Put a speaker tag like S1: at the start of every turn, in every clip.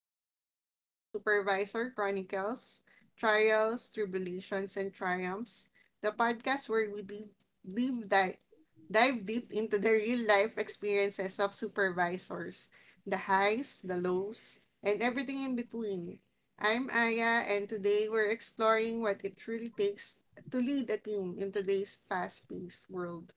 S1: everyone. Welcome to Supervisor Chronicles Trials, Tribulations, and Triumphs, the podcast where we deep, deep dive, dive deep into the real life experiences of supervisors, the highs, the lows, and everything in between. I'm Aya, and today we're exploring what it truly takes to lead a team in today's fast paced world.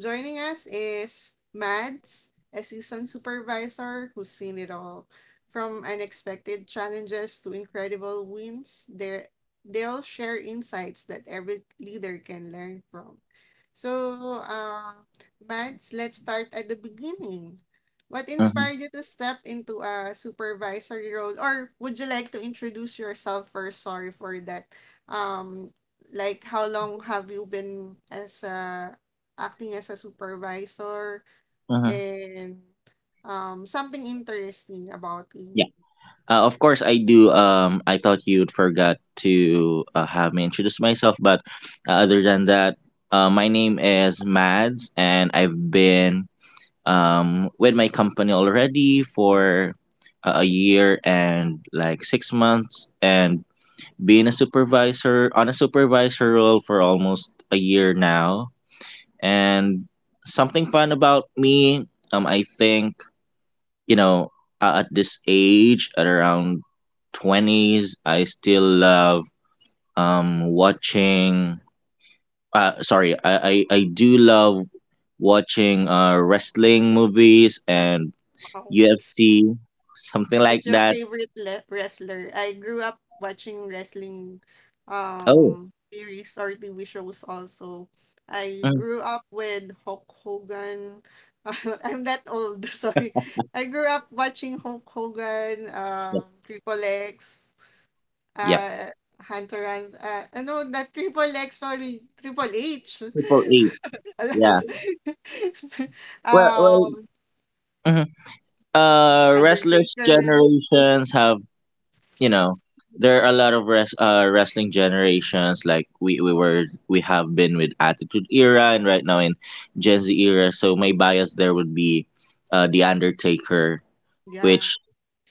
S1: Joining us is Mads a seasoned supervisor who's seen it all. From unexpected challenges to incredible wins, they'll share insights that every leader can learn from. So, Mads, let's start at the beginning. What
S2: Mm-hmm.
S1: inspired you to step into a supervisory role? Or would you like to introduce yourself first? Sorry for that. Um, like, how long have you been as acting as a supervisor?
S2: Mm-hmm.
S1: And something interesting about you.
S2: Yeah. Of course, I do. I thought you'd forgot to have me introduce myself, but other than that, my name is Mads, and I've been with my company already for a year and like 6 months, and being a supervisor on a supervisor role for almost a year now. And something fun about me, I think, you know, at this age, at around 20s, I still love watching I do love watching wrestling movies and
S1: Wow.
S2: UFC, something like
S1: Who's your
S2: that.
S1: favorite wrestler? I grew up watching wrestling
S2: Oh,
S1: series or TV shows also. I
S2: mm,
S1: grew up with Hulk Hogan. I'm that old, sorry. I grew up watching Hulk Hogan,
S2: yeah,
S1: Triple X,
S2: yeah.
S1: uh, Hunter and that Triple H.
S2: Triple H, yeah.
S1: Alas.
S2: Well, well,
S1: Um,
S2: mhm. Wrestlers'
S1: Undertaker,
S2: generations have, you know there are a lot of wrestling generations. Like, we have been with attitude era, and right now in gen Z era, so my bias there would be the Undertaker,
S1: yeah.
S2: which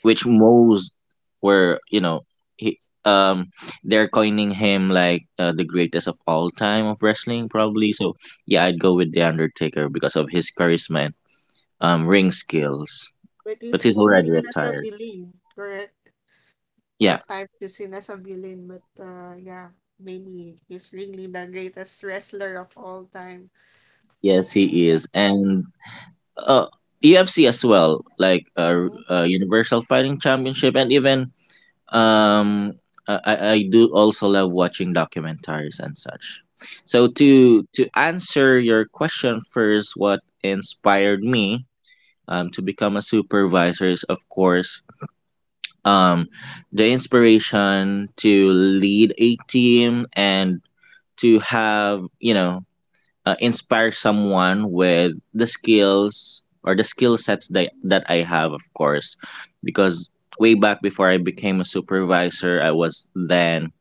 S2: which most were, you know, he, um they're coining him like the greatest of all time of wrestling, probably. So yeah, I'd go with the Undertaker because of his charisma and ring skills,
S1: But
S2: but he's
S1: he's
S2: already
S1: seen as a
S2: retired.
S1: villain, correct?
S2: Yeah,
S1: At times he's seen as a villain, but yeah, maybe he's really the greatest wrestler of all time.
S2: yes he is. And uh, UFC as well, like Universal Fighting Championship, and even, um, I do also love watching documentaries and such. So to answer your question first, what inspired me, to become a supervisor is, of course, um, the inspiration to lead a team and to have, inspire someone with the skills or the skill sets that, I have, of course. Because way back before I became a supervisor, I was then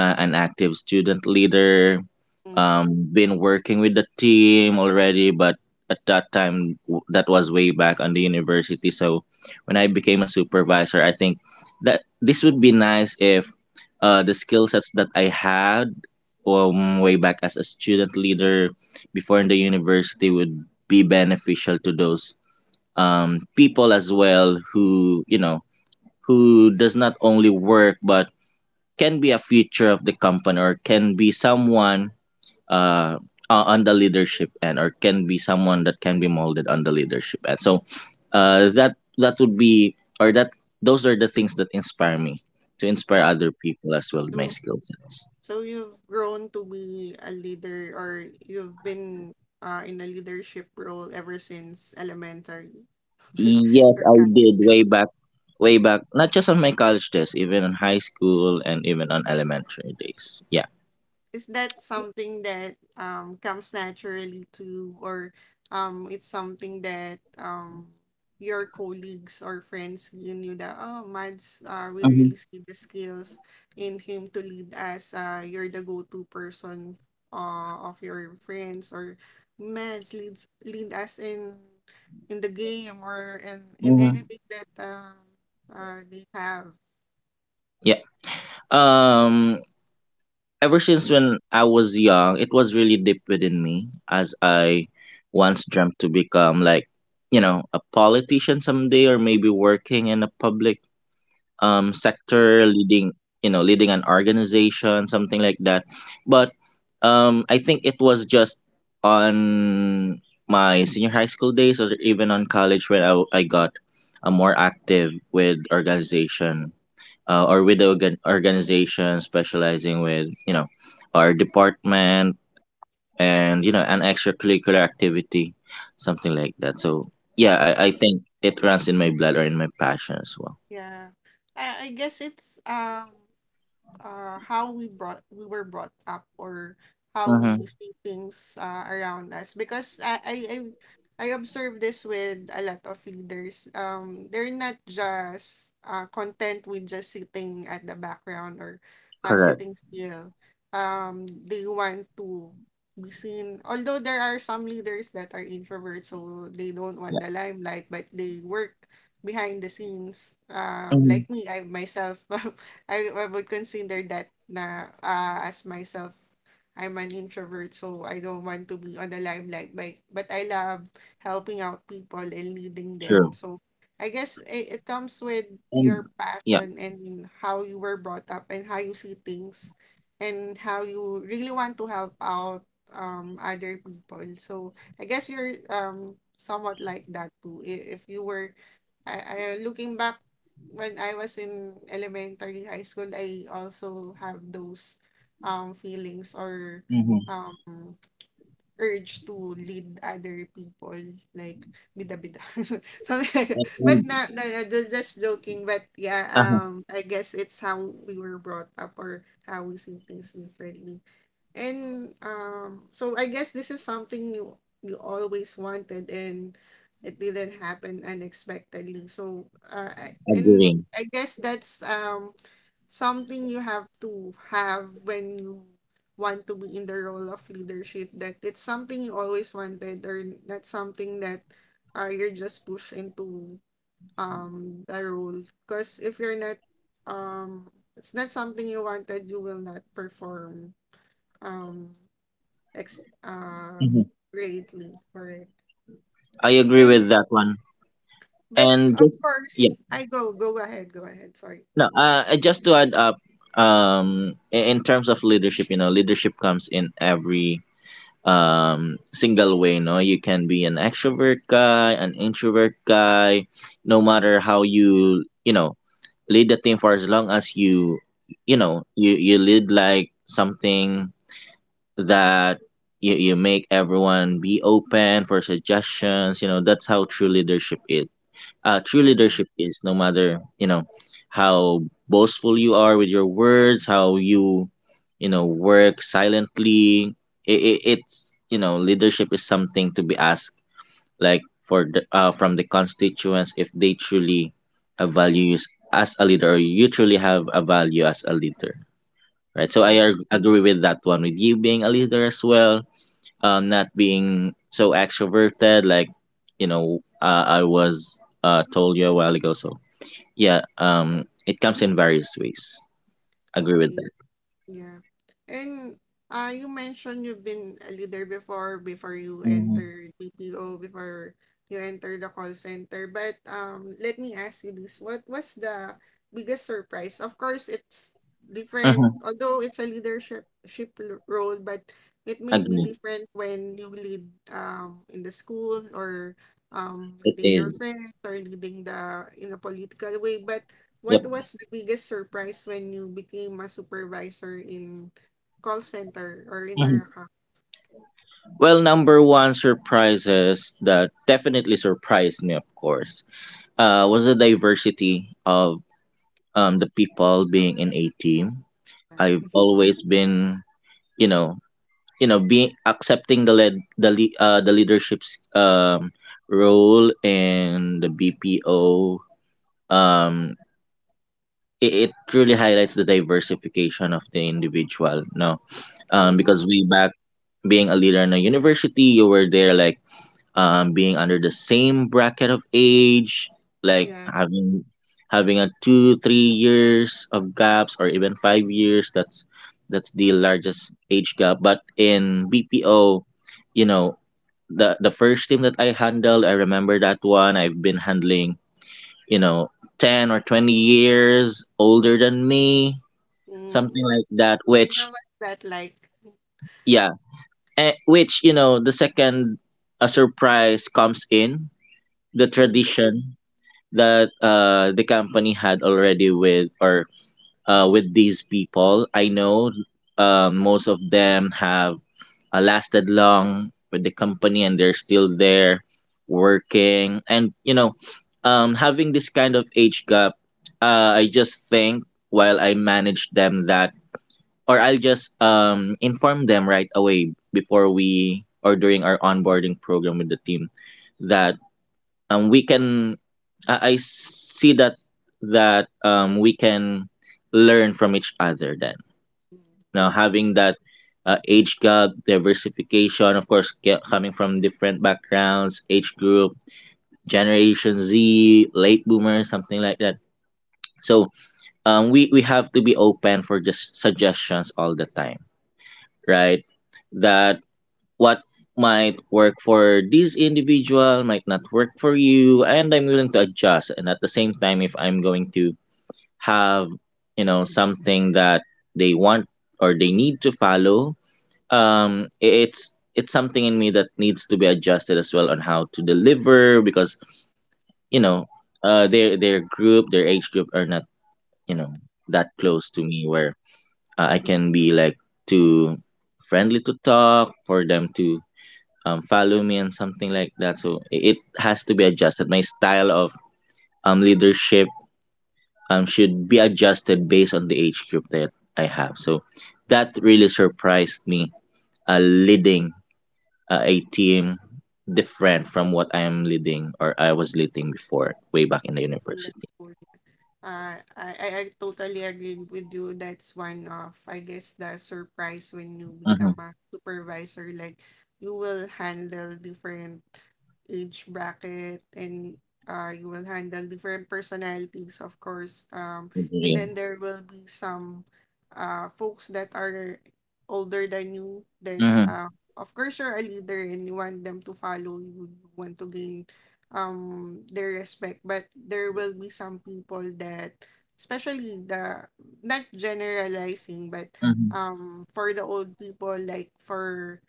S2: an active student leader,
S1: Mm-hmm.
S2: been working with the team already, but at that time, that was way back on the university. So when I became a supervisor, I think that this would be nice if the skill sets that I had, way back as a student leader before in the university, would be beneficial to those, people as well who, you know, who does not only work but can be a future of the company, or can be someone, uh, on the leadership end, or can be someone that can be molded on the leadership end. So that would be, or that, those are the things that inspire me to inspire other people as well with my
S1: So,
S2: skill sets.
S1: so you've grown to be a leader, or you've been in a leadership role ever since elementary.
S2: Yes, I did, way back, way back, not just on my college days, even on high school and even on elementary days. Yeah.
S1: Is that something that comes naturally to you, or it's something that your colleagues or friends, you knew that, oh, Mads, we
S2: Hmm.
S1: really see the skills in him to lead us? You're the go-to person of your friends, or Mads lead us in the game, or in
S2: Hmm.
S1: anything that they have.
S2: Yeah. Um Ever since when I was young, it was really deep within me, as I once dreamt to become, like, you know, a politician someday, or maybe working in a public sector, leading, you know, leading an organization, something like that. But I think it was just on my senior high school days, or even on college, when I got more active with organization, or with the organization specializing with, you know, our department, and, you know, an extracurricular activity, something like that. So yeah,
S1: Oh,
S2: I think it runs in my blood, or in my passion as well.
S1: yeah. I guess it's how we brought we were brought up, or how
S2: Mm-hmm.
S1: we see things around us, because I observe this with a lot of leaders. They're not just content with just sitting at the background, or
S2: Correct.
S1: sitting still. They want to be seen. Although there are some leaders that are introverts, so they don't want
S2: Yeah.
S1: the limelight, but they work behind the scenes,
S2: Mm-hmm.
S1: like me, I myself. I would consider that, na as myself, I'm an introvert, so I don't want to be on the limelight, but I love helping out people and leading them.
S2: True.
S1: So I guess it comes with
S2: And
S1: your
S2: yeah.
S1: passion, and how you were brought up, and how you see things, and how you really want to help out other people. So I guess you're somewhat like that too. If you were, I looking back when I was in elementary, high school, I also have those feelings, or
S2: Mm-hmm.
S1: um urge to lead other people, like bida bida. So
S2: and,
S1: but
S2: and,
S1: just joking. But yeah,
S2: uh-huh.
S1: I guess it's how we were brought up or how we see things differently. And so I guess this is something you you always wanted, and it didn't happen unexpectedly. So and
S2: Agreeing.
S1: I guess that's something you have to have when you want to be in the role of leadership. That it's something you always wanted, or not something that you're just pushed into the role. Because if you're not, um, it's not something you wanted, you will not perform um ex
S2: Mm-hmm.
S1: greatly, correct.
S2: I agree
S1: And
S2: with that one.
S1: but
S2: And
S1: of
S2: just, yeah.
S1: course, I go ahead, go ahead. Sorry.
S2: No, just to add up, in terms of leadership, you know, leadership comes in every single way. No, you can be an extrovert guy, an introvert guy, no matter how you, you know, lead the team, for as long as you, you know, you lead like something, that you, make everyone be open for suggestions. You know, that's how true leadership is. True
S1: Mm,
S2: leadership is, no matter, you know, how boastful you are with your words, how you, you know, work silently. It, it's You know, leadership is something to be asked, like for the, from the constituents, if they truly value you as a leader, or you truly have a value as a leader, right? So
S1: mm,
S2: agree with that one, with you being a leader as well, not being so extroverted, like, you know, I was, told you a while ago. So yeah, it comes in various ways. Agree with
S1: okay.
S2: that.
S1: Yeah. And you mentioned you've been a leader before, before you
S2: Mm-hmm.
S1: entered BPO, before you entered the call center. But let me ask you this. What was the biggest surprise? Of course, it's different,
S2: Mm-hmm.
S1: although it's a role, but it may be
S2: Agree.
S1: different when you lead in the school, or
S2: It
S1: leading your
S2: is.
S1: friends, or leading the in a political way. But
S2: Yep.
S1: what was the biggest surprise when you became a supervisor in call center or in
S2: Hmm.
S1: Arakata?
S2: Well, number one surprises that definitely surprised me, of course, was the diversity of, the people being in a team. I've always been, you know, being accepting the the leadership's role in the BPO. um it truly highlights the diversification of the individual. No,
S1: Mm,
S2: because way back, being a leader in a university, you were there, like, being under the same bracket of age, like
S1: yeah.
S2: having a 2-3 years of gaps, or even 5 years. That's the largest age gap. But in BPO, you know, the first team that I handled, I remember that one. I've been handling, you know, 10 or 20 years older than me,
S1: Mm.
S2: something like that.
S1: And how
S2: Which,
S1: was that like?
S2: yeah, which, you know, the second, a surprise comes in, the
S1: Mm,
S2: tradition, that the company had already with, or with these people. I know most of them have lasted long with the company, and they're still there working. And you know, having this kind of age gap, I just think, while I manage them that, or I'll just inform them right away before we, or during our onboarding program with the team, that, we can, I see that, we can learn from each other. Then,
S1: mm,
S2: now having that age gap diversification, of course, coming from different backgrounds, age group, generation Z, late boomers, something like that. So, we have to be open for just suggestions all the time, right? That what might work for this individual might not work for you, and I'm willing to adjust. And at the same time, if I'm going to have, you know, something that they want or they need to follow, it's something in me that needs to be adjusted as well, on how to deliver. Because, you know, their group, their age group, are not, you know, that close
S1: mm.
S2: to me, where I can be, like, too friendly to talk, for them to, follow me, and something like that. So it has to be adjusted, my style of leadership, should be adjusted based on the age group that I have. So that really surprised me. Leading a team different from what I am leading, or I was leading before, way back in the university.
S1: That's wonderful. I totally agree with you. That's one of, I guess, the surprise when you
S2: Mm-hmm.
S1: become a supervisor. Like, you will handle different age bracket, and you will handle different personalities, of course. And then
S2: Mm-hmm.
S1: there will be some folks that are older than you that,
S2: Mm-hmm.
S1: of course, you're a leader and you want them to follow you. You want to gain their respect, but there will be some people that, especially the, not generalizing, but
S2: Yeah.
S1: for the old people, like for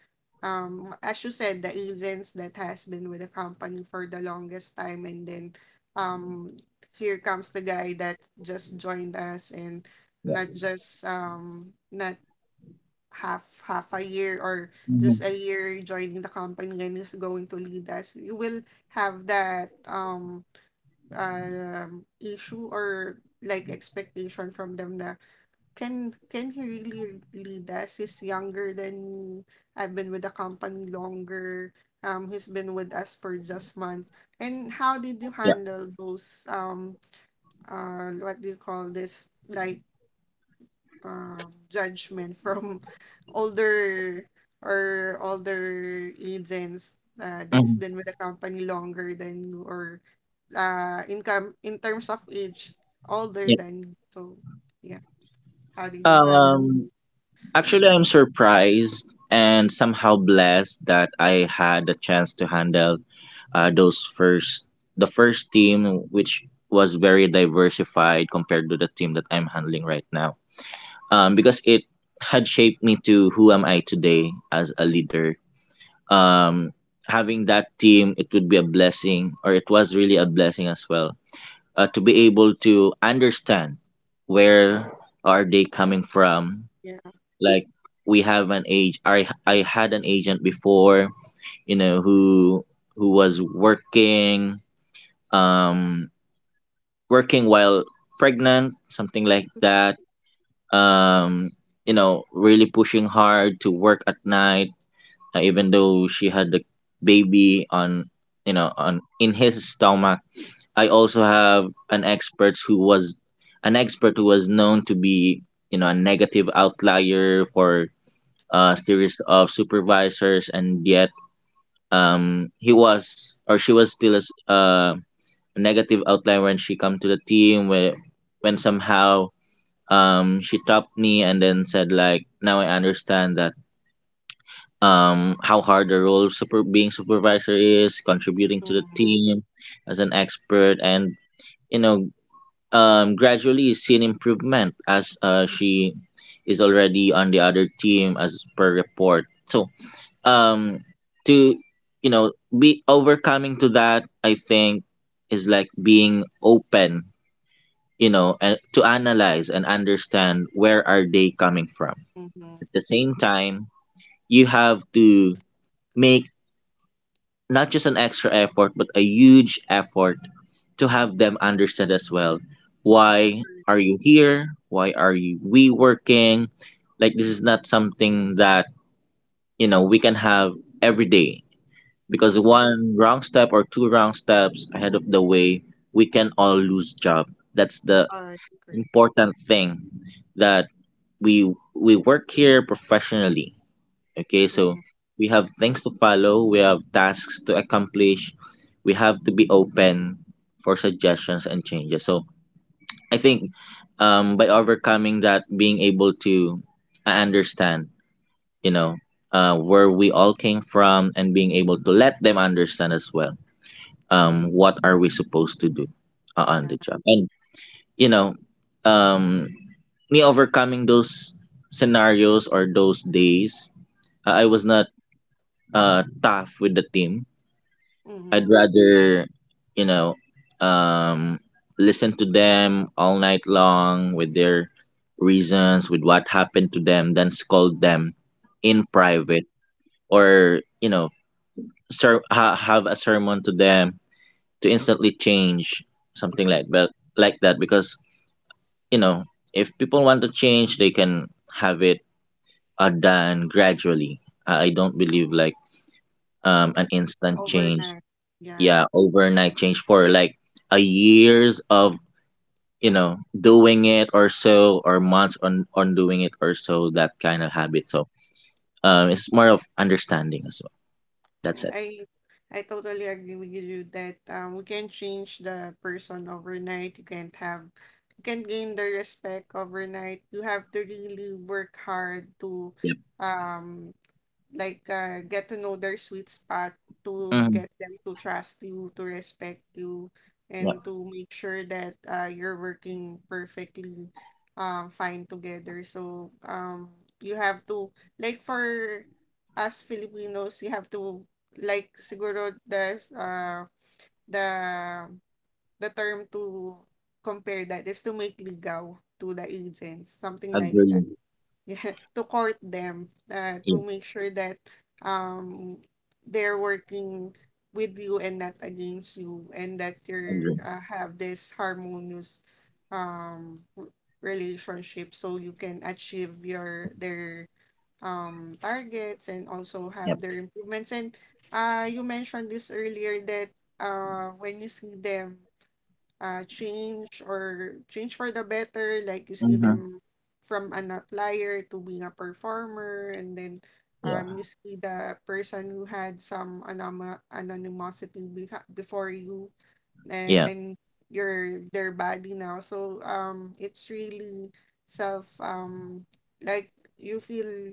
S1: as you said, the agents that has been with the company for the longest time. And then um here comes the guy that just joined us, and not just not half a year or just a
S2: Mm-hmm.
S1: year joining the company, and is going to lead us. You will have that issue or like expectation from them na, can he really lead us? He's younger than me. I've been with the company longer. He's been with us for just months. And how did you
S2: Yeah.
S1: handle those what do you call this? Like judgment from older or older agents that's
S2: Mm-hmm.
S1: been with the company longer than you or income in terms of age older
S2: Yeah.
S1: than you. So yeah, how did you handle
S2: Um.
S1: it?
S2: Actually, I'm surprised and somehow blessed that I had the chance to handle, those first the first team, which was very diversified compared to the team that I'm handling right now. Because it had shaped me to who am I today as a leader. Um, Having that team, it would be a blessing, or it was really a blessing as well, to be able to understand where are they coming from.
S1: Yeah.
S2: Like, we have an age. I had an agent before, you know, who was working, um, working while pregnant, something like that. Um, you know, really pushing hard to work at night, even though she had the baby on, you know, on in his stomach. I also have an expert who was known to be, you know, a negative outlier for a series of supervisors, and yet he was, or she was, still a negative outlier when she come to the team. Where, when somehow, she topped me and then said, like, now I understand that, how hard the role of super being supervisor is, contributing to the
S1: Mm-hmm.
S2: team as an expert, and, you know, gradually seen improvement, as she is already on the other team as per report. So um to you know be overcoming to that, I think is like being open, and to analyze and understand where are they coming from.
S1: Mm-hmm.
S2: At the same time, you have to make not just an extra effort but a huge effort to have them understand as well why are you here, why are you we working. Like this is not something that, we can have every day, because
S1: Mm-hmm.
S2: one wrong step or two wrong steps ahead of the way, we can all lose job. That's the
S1: All right. Great.
S2: important thing, that we we work here professionally. Okay, so
S1: Mm-hmm.
S2: we have things to follow, we have tasks to accomplish, we have to be open for suggestions and changes. So I think, by overcoming that, being able to understand, you know where we all came from, and being able to let them understand as well what are we supposed to do on
S1: Yeah.
S2: the job. And you know, um, me overcoming those scenarios or those days, I was not tough with the team. I'd
S1: Mm-hmm.
S2: rather, you know, um, listen to them all night long with their reasons, with what happened to them, than scold them in
S1: Oh,
S2: private. Or, have a sermon to them to instantly change, something like that. Because, you know if people want to change they can have it done gradually. I don't believe like an instant change.
S1: overnight. Yeah.
S2: Yeah, overnight change for like a years of, doing it or so, or months on doing it or so, that kind of habit. So it's more of understanding as well. That's
S1: Yeah,
S2: it.
S1: I totally agree with you that we can change the person overnight. You can't gain the respect overnight. You have to really work hard to
S2: Yep.
S1: um get to know their sweet spot, to
S2: Mm-hmm.
S1: get them to trust you, to respect you,
S2: Yep.
S1: and to make sure that you're working perfectly fine together. So you have to, like for us Filipinos, you have to, like siguro the, the term to compare that is to make ligaw to the agents, something like that.
S2: Agree.
S1: Yeah, to court them, to
S2: Yeah.
S1: make sure that um they're working with you and not against you, and that you
S2: Agree.
S1: have this harmonious um r- relationship, so you can achieve your their targets and also have
S2: Yep.
S1: their improvements. And you mentioned this earlier that when you see them change or change for the better. Like you see
S2: Mm-hmm.
S1: them from an applier to being a performer, and then
S2: Yeah,
S1: you see the person who had some anonymity before you,
S2: yeah.
S1: and your their body now. So it's really self like you feel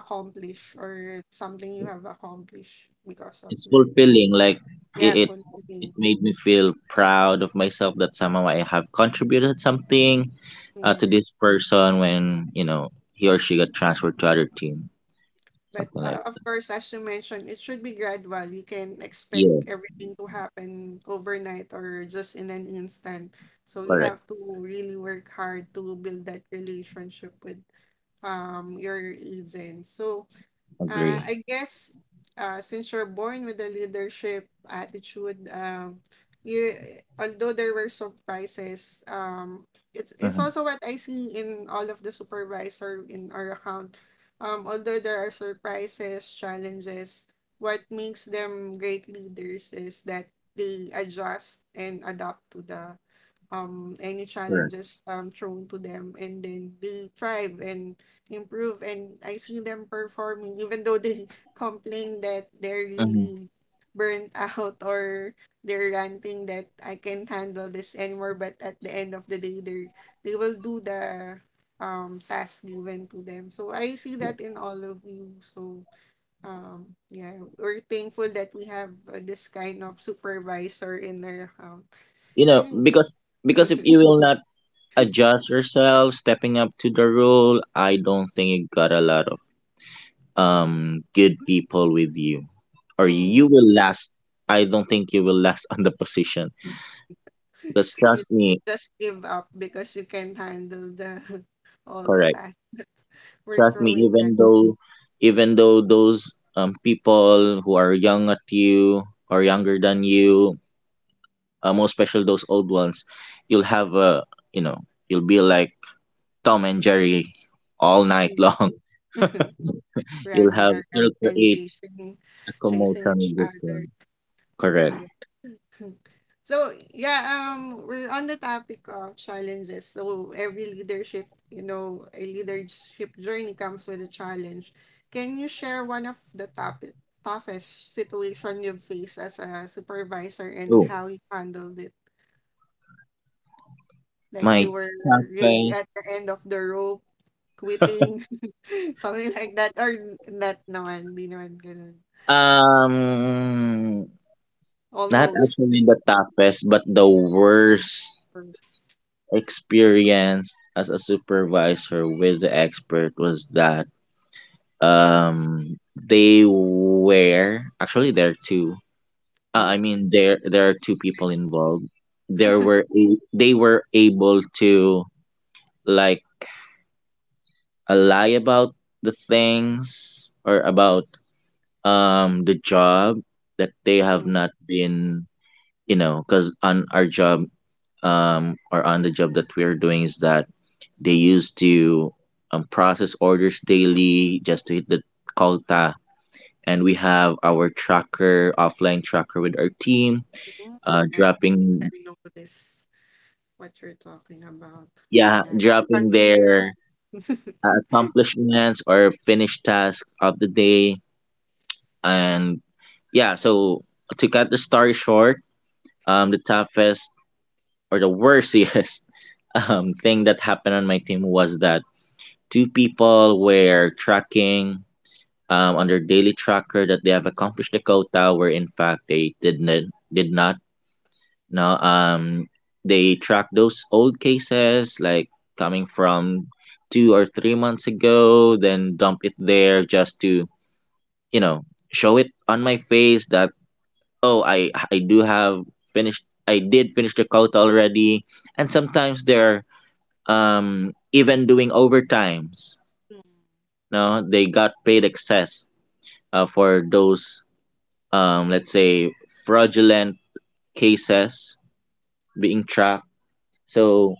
S1: accomplished, or something you have accomplished because of
S2: It's
S1: that.
S2: fulfilling. Like it,
S1: Yeah,
S2: it, it
S1: fulfilling.
S2: made me feel proud of myself that somehow I have contributed something to this person when, you know, he or she got transferred to other team.
S1: But
S2: Something like,
S1: of course, as you mentioned, it should be gradual. You can expect
S2: yes,
S1: everything to happen overnight or just in an instant. So you
S2: correct,
S1: have to really work hard to build that relationship with your agent. So
S2: agree,
S1: I guess since you're born with a leadership attitude, you, although there were surprises, it's
S2: mhm,
S1: also what I see in all of the supervisor in our account. Although there are surprises, challenges, what makes them great leaders is that they adjust and adapt to the any
S2: correct.
S1: challenges thrown to them, and then they thrive and improve. And I see them performing, even though they complain that they're
S2: Mhm.
S1: really burnt out or they're ranting that I can't handle this anymore, but at the end of the day they will do the task given to them. So I see that in all of you. So yeah, we're thankful that we have this kind of supervisor in our account
S2: You know,
S1: anyway.
S2: because if you will not adjust yourself, stepping up to the rule, I don't think you got a lot of good people with you, or
S1: Mm-hmm.
S2: you will last. I don't think you will last on the position. Because
S1: You,
S2: trust
S1: you
S2: me.
S1: just give up because you can't handle the all the
S2: Correct.
S1: tasks that we're
S2: Trust me,
S1: throwing.
S2: even though, those, people who are young at you or younger than you, most especially those old ones, you'll have a, you know you'll be like Tom and Jerry all night
S1: You,
S2: long.
S1: running around
S2: You'll
S1: and
S2: create
S1: chasing
S2: a
S1: chasing
S2: commotion
S1: each
S2: with this
S1: other.
S2: one.
S1: Yeah.
S2: Correct.
S1: So yeah, we're on the topic of challenges. So every leadership, you know, a leadership journey comes with a challenge. Can you share one of the topic toughest situation you've faced as a supervisor and
S2: Oh,
S1: how you handled it? Like you
S2: my
S1: were really
S2: toughest,
S1: at the end of the rope, quitting, something like that. Or not naman, di naman ganun.
S2: um not
S1: Almost.
S2: actually the toughest but the worst
S1: Or,
S2: experience as a supervisor with the expert was that, they were actually there are two,
S1: mm,
S2: there are two people involved. There were they were able to, like, lie about the things or about the job that they have
S1: mm,
S2: not been, you know. Because on our job, or on the job that we're doing, is that they used to process orders daily just to hit the quota. And we have our tracker, offline tracker with our team,
S1: mm. I think I
S2: dropping,
S1: know this, what you're talking about.
S2: yeah,
S1: Yeah.
S2: dropping
S1: Continuous.
S2: their accomplishments or finished tasks of the day. And yeah, so to cut the story short, the toughest or the worstest thing that happened on my team was that two people were tracking, on their daily tracker, that they have accomplished the quota where in fact they did not. did not no, they track those old cases like coming from 2 or 3 months ago, then dump it there just to, you know show it on my face that, oh, I did finish the quota already. And sometimes they're, even doing overtimes. No, they got paid excess for those, let's say, fraudulent cases being tracked. So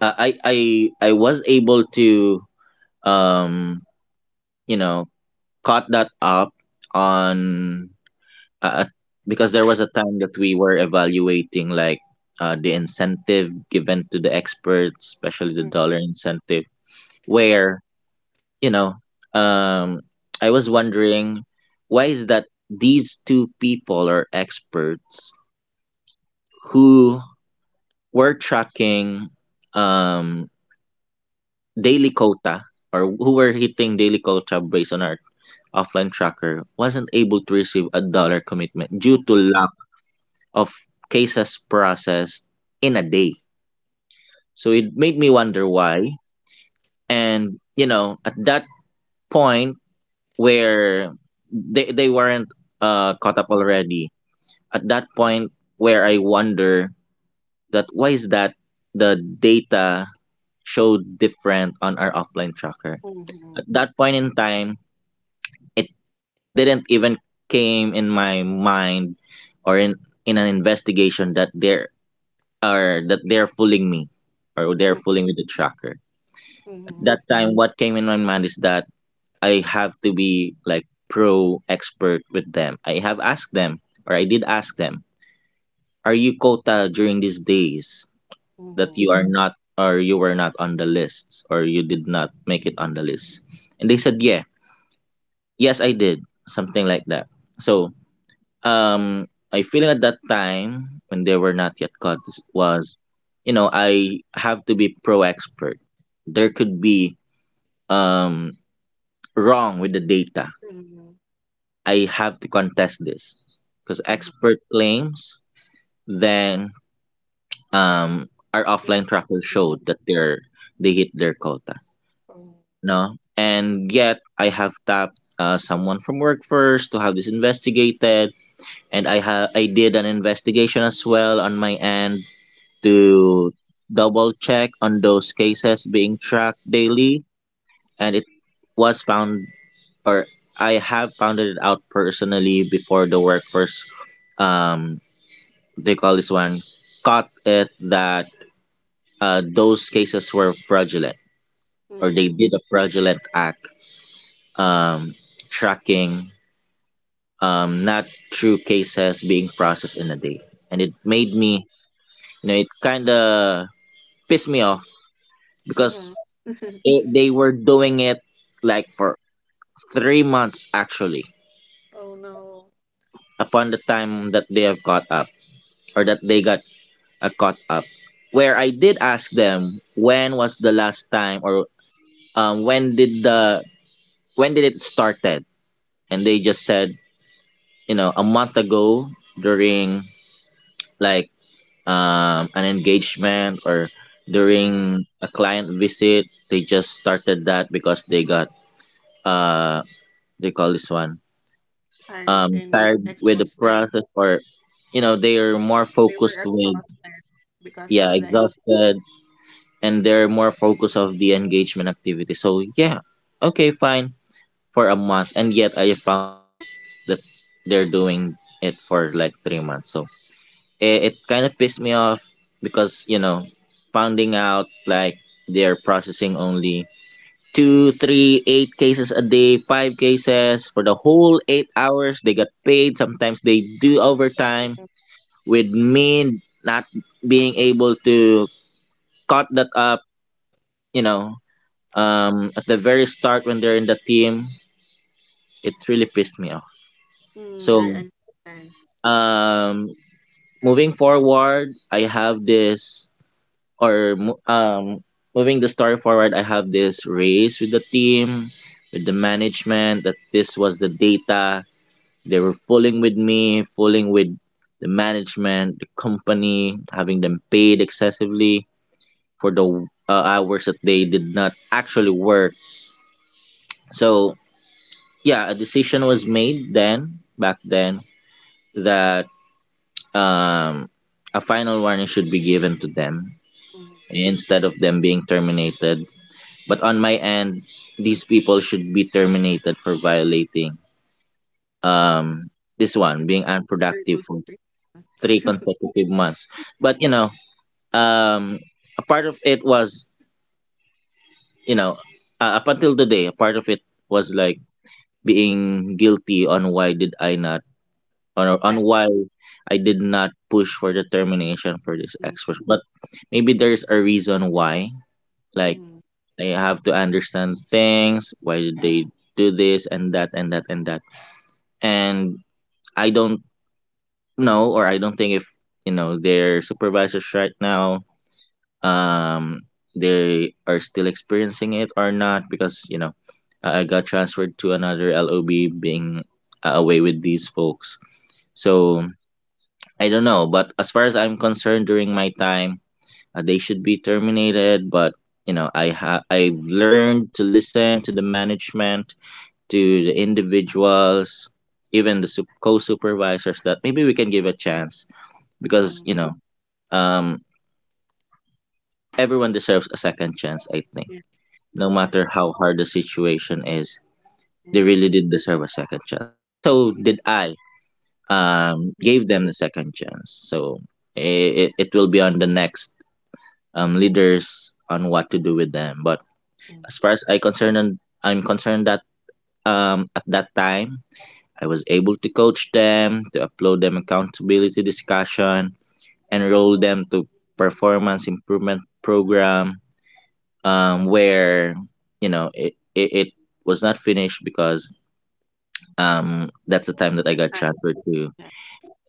S2: uh, I I I was able to, um, you know caught that up on, uh, because there was a time that we were evaluating like the incentive given to the experts, especially the
S1: Mm,
S2: dollar incentive, where, you know um, I was wondering why is that these two people are experts who were tracking, um daily quota, or who were hitting daily quota based on our offline tracker, wasn't able to receive a dollar commitment due
S1: mm,
S2: to
S1: mm,
S2: lack of cases processed in a day. So it made me wonder why. And you know, at that point where they weren't caught up already, at that point where I wonder that why is that the data showed different on our offline tracker.
S1: mm,
S2: At that point in time, it it didn't even came in my mind, or in an investigation, that there are that they're fooling me, or
S1: mm,
S2: they're fooling with the tracker. At
S1: mm,
S2: that time, what came in my mind is that I have to be like pro expert with them. I have asked them, or I did ask them, are you quota during these days
S1: mm,
S2: that
S1: mm,
S2: you are not, or you were not on the lists, or you did not make it on the list? And they said, yeah. Yes, I did. Something like that. So, my feeling at that time when they were not yet caught was, you know, I have to be pro expert. There could be um wrong with the data.
S1: mm,
S2: I have to contest this, because
S1: mm.
S2: expert claims, then um our
S1: You're in-
S2: offline tracker showed that they're, they hit their quota.
S1: Oh,
S2: No, and yet I have tapped someone from work first to have this investigated, and I did an investigation as well on my end to double check on those cases being tracked daily. And it was found, or I have found it out personally, before the workforce, um they call this one, caught it, that those cases were fraudulent, or they
S1: mm,
S2: did a fraudulent act, um tracking, not true cases being processed in a day. And it made me, it kind of pissed me off, because
S1: mhm.
S2: they were doing it, like, for 3 months actually.
S1: Oh no.
S2: Upon the time that they have caught up, or that they got caught up, where I did ask them, when was the last time, or when did the, when did it started, and they just said, you know, a month ago during, like, an engagement, or
S1: Mhm.
S2: during a client visit, they just started that because they got uh they call this one,
S1: Tired and
S2: tired with the
S1: exhausted.
S2: process, or, you know, they're more
S1: They
S2: focused
S1: were
S2: with,
S1: exhausted. Because
S2: yeah,
S1: of the
S2: exhausted. And they're more focused of the engagement activity. So yeah, okay, fine, for a month, and yet I found that it that they're doing it for like 3 months. So it kind of pissed me off, because, you know, finding out like they're processing only two, three, eight cases a day, five cases for the whole 8 hours. They got paid. Sometimes they do overtime, with me not being able to cut that up, you know, at the very start when they're in the team. It really pissed me off.
S1: Mm, I
S2: So,
S1: understand.
S2: um, moving forward, I have this, or mo- um, moving the story forward, I have this race with the team, with the management, that this was the data. They were fooling with me, fooling with the management, the company, having them paid excessively for the hours that they did not actually work. So yeah, a decision was made then, back then, that um, a final warning should be given to them
S1: Mm,
S2: instead of them being terminated. But on my end, these people should be terminated for violating, um, this one,
S1: you're,
S2: being
S1: you're
S2: unproductive
S1: too
S2: for
S1: strict,
S2: three consecutive months. But, you know, um a part of it was, you know, up until today, a part of it was like being guilty on why did I not, on
S1: cut.
S2: why I did not push for the termination for this
S1: Mm,
S2: expert. But maybe there's a reason why. Like,
S1: mm,
S2: I have to understand things, why did they do this and that and that and that. And I don't know, or I don't think if, you know, their supervisors right now, um they are still experiencing it or not, because, you know, I got transferred to another LOB, being away with these folks. So I don't know, but as far as I'm concerned, during my time, they should be terminated. But, you know, I've learned to listen to the management, to the individuals, even the co-supervisors, that maybe we can give a chance, because,
S1: mm,
S2: you know, um everyone deserves a second chance, I think,
S1: yeah,
S2: no
S1: correct.
S2: matter how hard the situation is, they
S1: Mm,
S2: really did deserve a second chance. And so did I.
S1: mhm,
S2: Gave them the second chance. So it will be on the next leaders on what to do with them. But
S1: mm,
S2: as far as I'm concerned that, at that time, I was able to coach them, to upload them accountability discussion, enroll them to performance improvement program, where, you know, it was not finished because, that's the time that I got
S1: ah,
S2: transferred to
S1: yeah,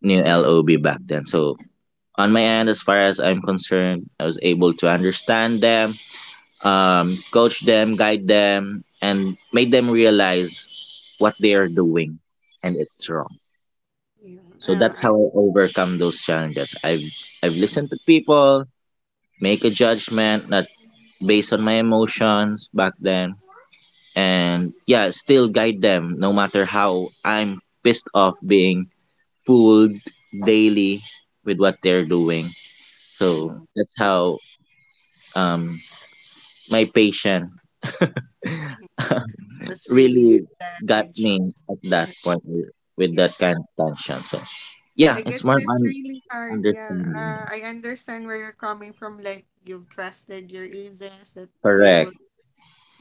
S2: new LOB back then. So on my end, as far as I'm concerned, I was able to understand them, coach them, guide them, and made them realize what they are doing, and it's wrong.
S1: yeah,
S2: So that's how I overcome those challenges. I've listened to people, make a judgment, not based on my emotions back then, and yeah, still guide them no matter how I'm pissed off being fooled daily with what they're doing. So
S1: mm,
S2: that's how um my patient
S1: mm. That's really
S2: really
S1: the
S2: got
S1: edge
S2: me
S1: of,
S2: at that point with
S1: yeah.
S2: that kind of tension. So yeah,
S1: I
S2: it's
S1: guess
S2: more
S1: that's
S2: on
S1: really hard. Yeah,
S2: understanding.
S1: I understand where you're coming from. Like you've trusted your agents that they will
S2: Correct.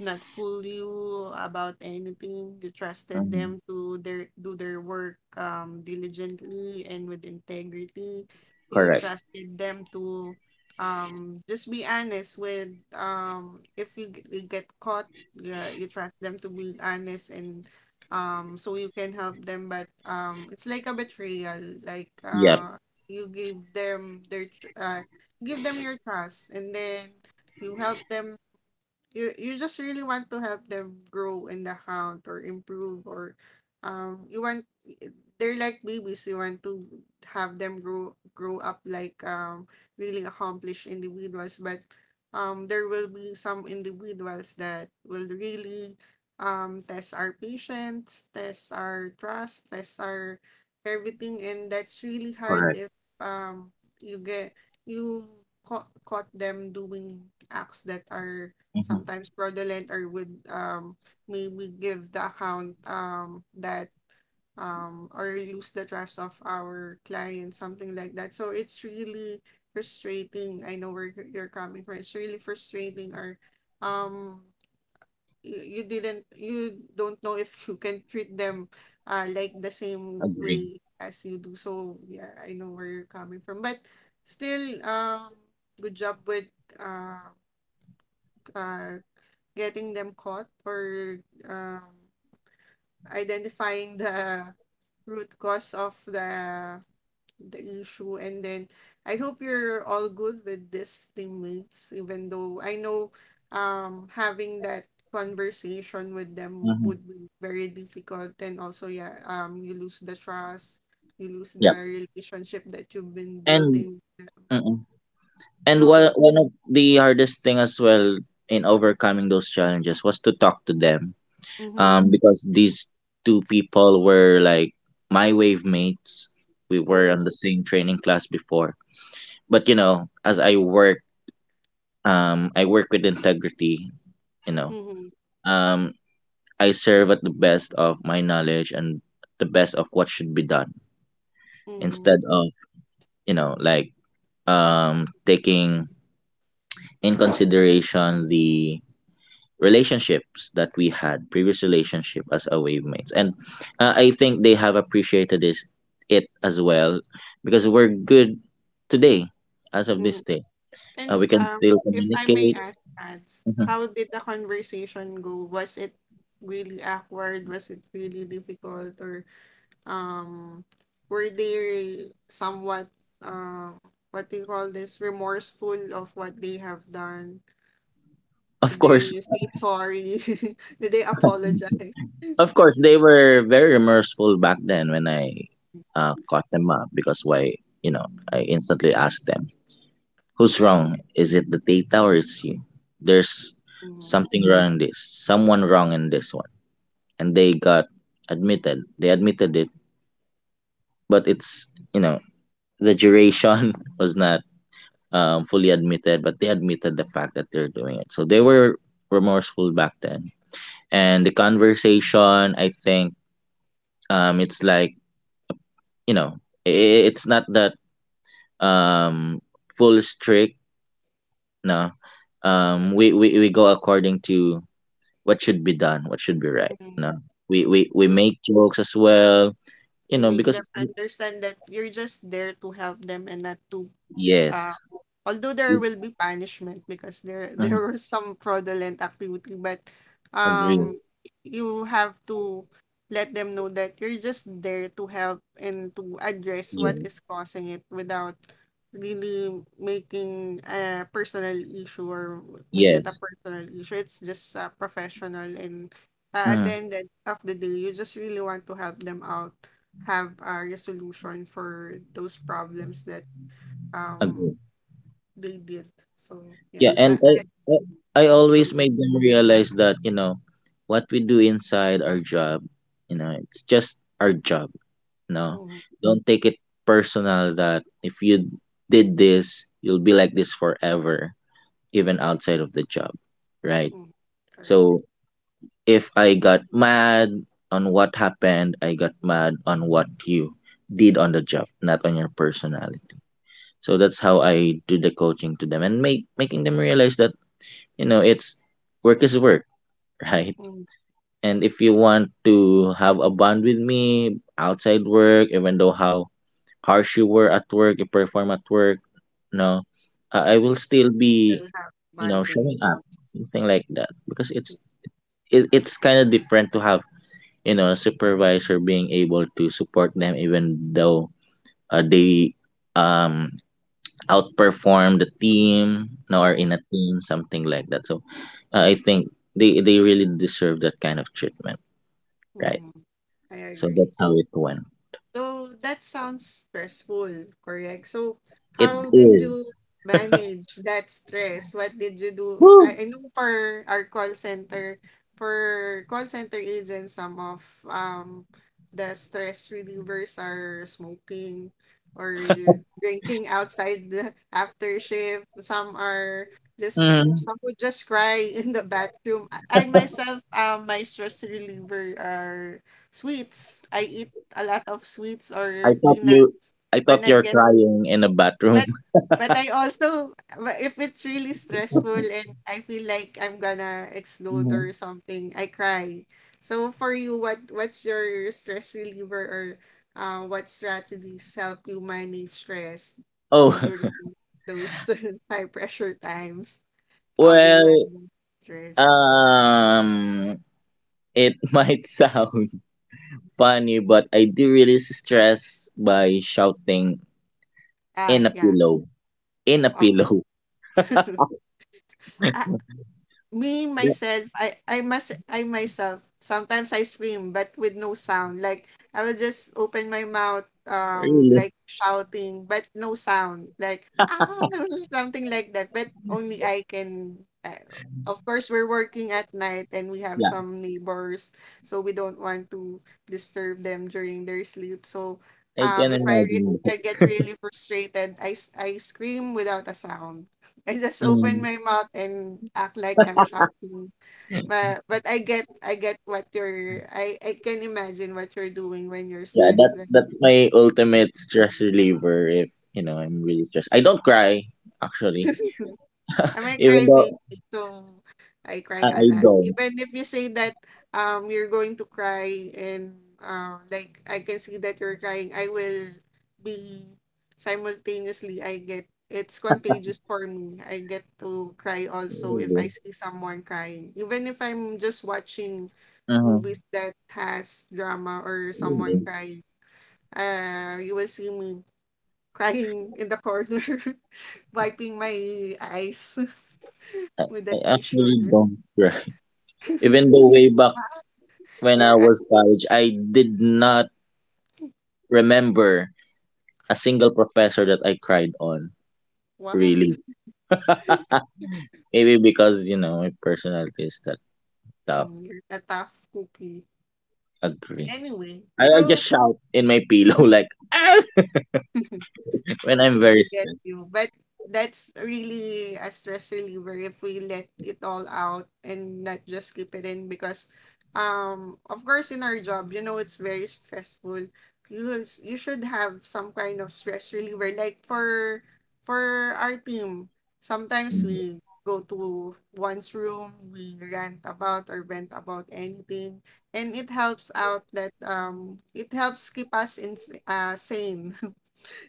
S1: not fool you about anything. You trusted
S2: Mhm.
S1: them to their do their work diligently and with integrity. You
S2: Correct.
S1: trusted them to just be honest with if you get caught, yeah, you trust them to be honest and so you can help them, but it's like a betrayal, like
S2: Yep.
S1: you give them their give them your trust and then you help them. You just really want to help them grow in the account or improve, or you want, they're like babies, you want to have them grow up like really accomplished individuals. But there will be some individuals that will really test our patience, test our trust, test our everything, and that's really hard
S2: Correct.
S1: if um you get you caught, caught them doing acts that are
S2: Hmm.
S1: sometimes fraudulent, or would maybe give the account that or lose the trust of our client, something like that. So it's really frustrating. I know where you're coming from, it's really frustrating, or um you, you didn't you don't know if you can treat them like the same
S2: Agree.
S1: way as you do. So yeah, I know where you're coming from, but still, good job with uh uh getting them caught, or um, identifying the root cause of the issue. And then I hope you're all good with these teammates, even though I know having that conversation with them
S2: Hmm.
S1: would be very difficult. And also, yeah, you lose the trust, you lose the
S2: Yep.
S1: relationship that you've been
S2: And
S1: building.
S2: Mhm. And
S1: Go,
S2: one
S1: go.
S2: one of the hardest thing, as well in overcoming those challenges was to talk to them.
S1: Mm-hmm.
S2: Because these two people were like my wave mates. We were
S1: Oh.
S2: on the same training class before. But you know, as I work with integrity. You know,
S1: Mm-hmm.
S2: um, I serve at the best of my knowledge and the best of what should be done
S1: Mm-hmm.
S2: instead of, you know, like taking in consideration the relationships that we had previous relationship as a wave mates. And I think they have appreciated this it as well because we're good today, as of
S1: Mm-hmm.
S2: this day,
S1: And
S2: we can still
S1: if I may
S2: communicate.
S1: ask, Ads,
S2: Mhm.
S1: how did the conversation go? Was it really awkward? Was it really difficult? Or um, were they somewhat, uh what do you call this, remorseful of what they have done?
S2: Of
S1: Did
S2: course.
S1: they say sorry? Did they apologize?
S2: Of course they were very remorseful back then when I caught them up. Because why, you know, I instantly asked them, "Who's wrong? Is it the data or is you? There's
S1: Mm,
S2: something wrong in this, someone wrong in this one." And they got admitted. They admitted it, but it's, you know, the duration was not fully admitted, but they admitted the fact that they're doing it. So they were remorseful back then, and the conversation, I think, it's like, you know, it's not that um, full strict. No, um, we go according to what should be done, what should be right.
S1: mm.
S2: No, we
S1: You,
S2: make jokes as well. You
S1: you
S2: know,
S1: make them
S2: because
S1: understand that you're just there to help them and not to
S2: yes.
S1: uh, although there will be punishment, because there there
S2: Mm-hmm.
S1: were some fraudulent activity, but
S2: Agree.
S1: um you have to let them know that you're just there to help and to address
S2: Yeah.
S1: what is causing it without really making a personal issue, or make it a
S2: Yes.
S1: personal issue, it's just professional. And at the
S2: Hmm.
S1: end of the day, you just really want to help them out, have a resolution for those problems that um
S2: Agree.
S1: they did. So
S2: Yeah,
S1: yeah, I
S2: and I,
S1: I
S2: I I
S1: go
S2: always
S1: with
S2: made them realize that, you know, what we do inside our job, you know, it's just our job. You know,
S1: mm-hmm,
S2: don't take it personal that if you did this, you'll be like this forever, even outside of the job, right?
S1: mm-hmm, correct.
S2: So if I got mad on what happened, I got mad on what you did on the job, not on your personality. So that's how I do the coaching to them, and make making them realize that, you know, it's work is work, right?
S1: Mm.
S2: And if you want to have a bond with me outside work, even though how harsh you were at work, you perform at work, no, I will
S1: You
S2: still be,
S1: still have
S2: you know,
S1: bonding
S2: showing up,
S1: out.
S2: something like that, because it's kind of different to have, you know, a supervisor being able to support them even though they um outperform the team, no, or in
S1: Mm-hmm,
S2: a team, something like that. So I think they really deserve that kind of treatment, right?
S1: mm-hmm. I
S2: So
S1: agree.
S2: that's how it went.
S1: So that sounds stressful, correct? So
S2: It
S1: how did
S2: is.
S1: you manage that stress? What did you do?
S2: Woo!
S1: I know for our call center, for call center agents, some of um the stress relievers are smoking, or drinking outside, the after shift. Some are just,
S2: Mhm.
S1: some would just cry in the bathroom. I myself, my stress reliever are sweets. I eat a lot of sweets
S2: i
S1: or
S2: thought you
S1: peanut
S2: I thought
S1: when I
S2: you're
S1: get,
S2: crying in a bathroom.
S1: but but I also, but if it's really stressful and I feel like I'm gonna explode
S2: Mhm.
S1: or something, I cry. So for you, what's your stress reliever, or what strategies help you manage stress
S2: Oh.
S1: during those high pressure times? How do you
S2: Well,
S1: handle stress?
S2: um it might sound funny, but I do really stress by shouting in
S1: Ah,
S2: a
S1: yeah.
S2: pillow, in a
S1: Oh.
S2: pillow.
S1: me myself I must I myself, sometimes I scream but with no sound, like I will just open my mouth
S2: Really.
S1: like shouting, but no sound, like ah something like that. But only I can, of course, we're working at night and we have some neighbors, so we don't want to disturb them during their sleep. So
S2: I can
S1: if
S2: imagine.
S1: I get really frustrated, I scream without a sound. I just open
S2: Mm,
S1: my mouth and act like I'm shouting. But I get what you're, I can imagine what you're doing when you're
S2: yeah,
S1: stressed.
S2: that
S1: Like,
S2: that's my ultimate stress reliever. If, you know, I'm really stressed, I don't cry actually,
S1: I'm a
S2: even
S1: crybaby,
S2: though
S1: so I
S2: I,
S1: cry a
S2: I
S1: lot.
S2: don't.
S1: Even if you say that you're going to cry, and like I can see that you're crying, I will be simultaneously, I get, it's contagious for me. I get to cry also if I
S2: Really?
S1: see someone crying. Even if I'm just watching
S2: Uh-huh.
S1: movies that has drama or someone
S2: Really?
S1: crying, you will see me crying in the corner, wiping my eyes.
S2: I,
S1: With
S2: I
S1: that
S2: actually
S1: insurer.
S2: don't cry. Even though way back when I
S1: You're a
S2: was college, I did not remember a single professor that I cried on.
S1: wow,
S2: Really, maybe because, you know, my personality is that tough.
S1: you're a tough cookie.
S2: Agree.
S1: Anyway,
S2: I
S1: so
S2: just shout in my pillow like, "Ah!" When I'm
S1: okay, I
S2: very
S1: get
S2: stressed.
S1: you. But that's really a stress reliever, if we let it all out and not just keep it in. Because of course in our job, you know it's very stressful. You should have some kind of stress reliever. Like for our team, sometimes
S2: Mhm.
S1: we go to one's room, we rant about or vent about anything, and it helps out that it helps keep us in sane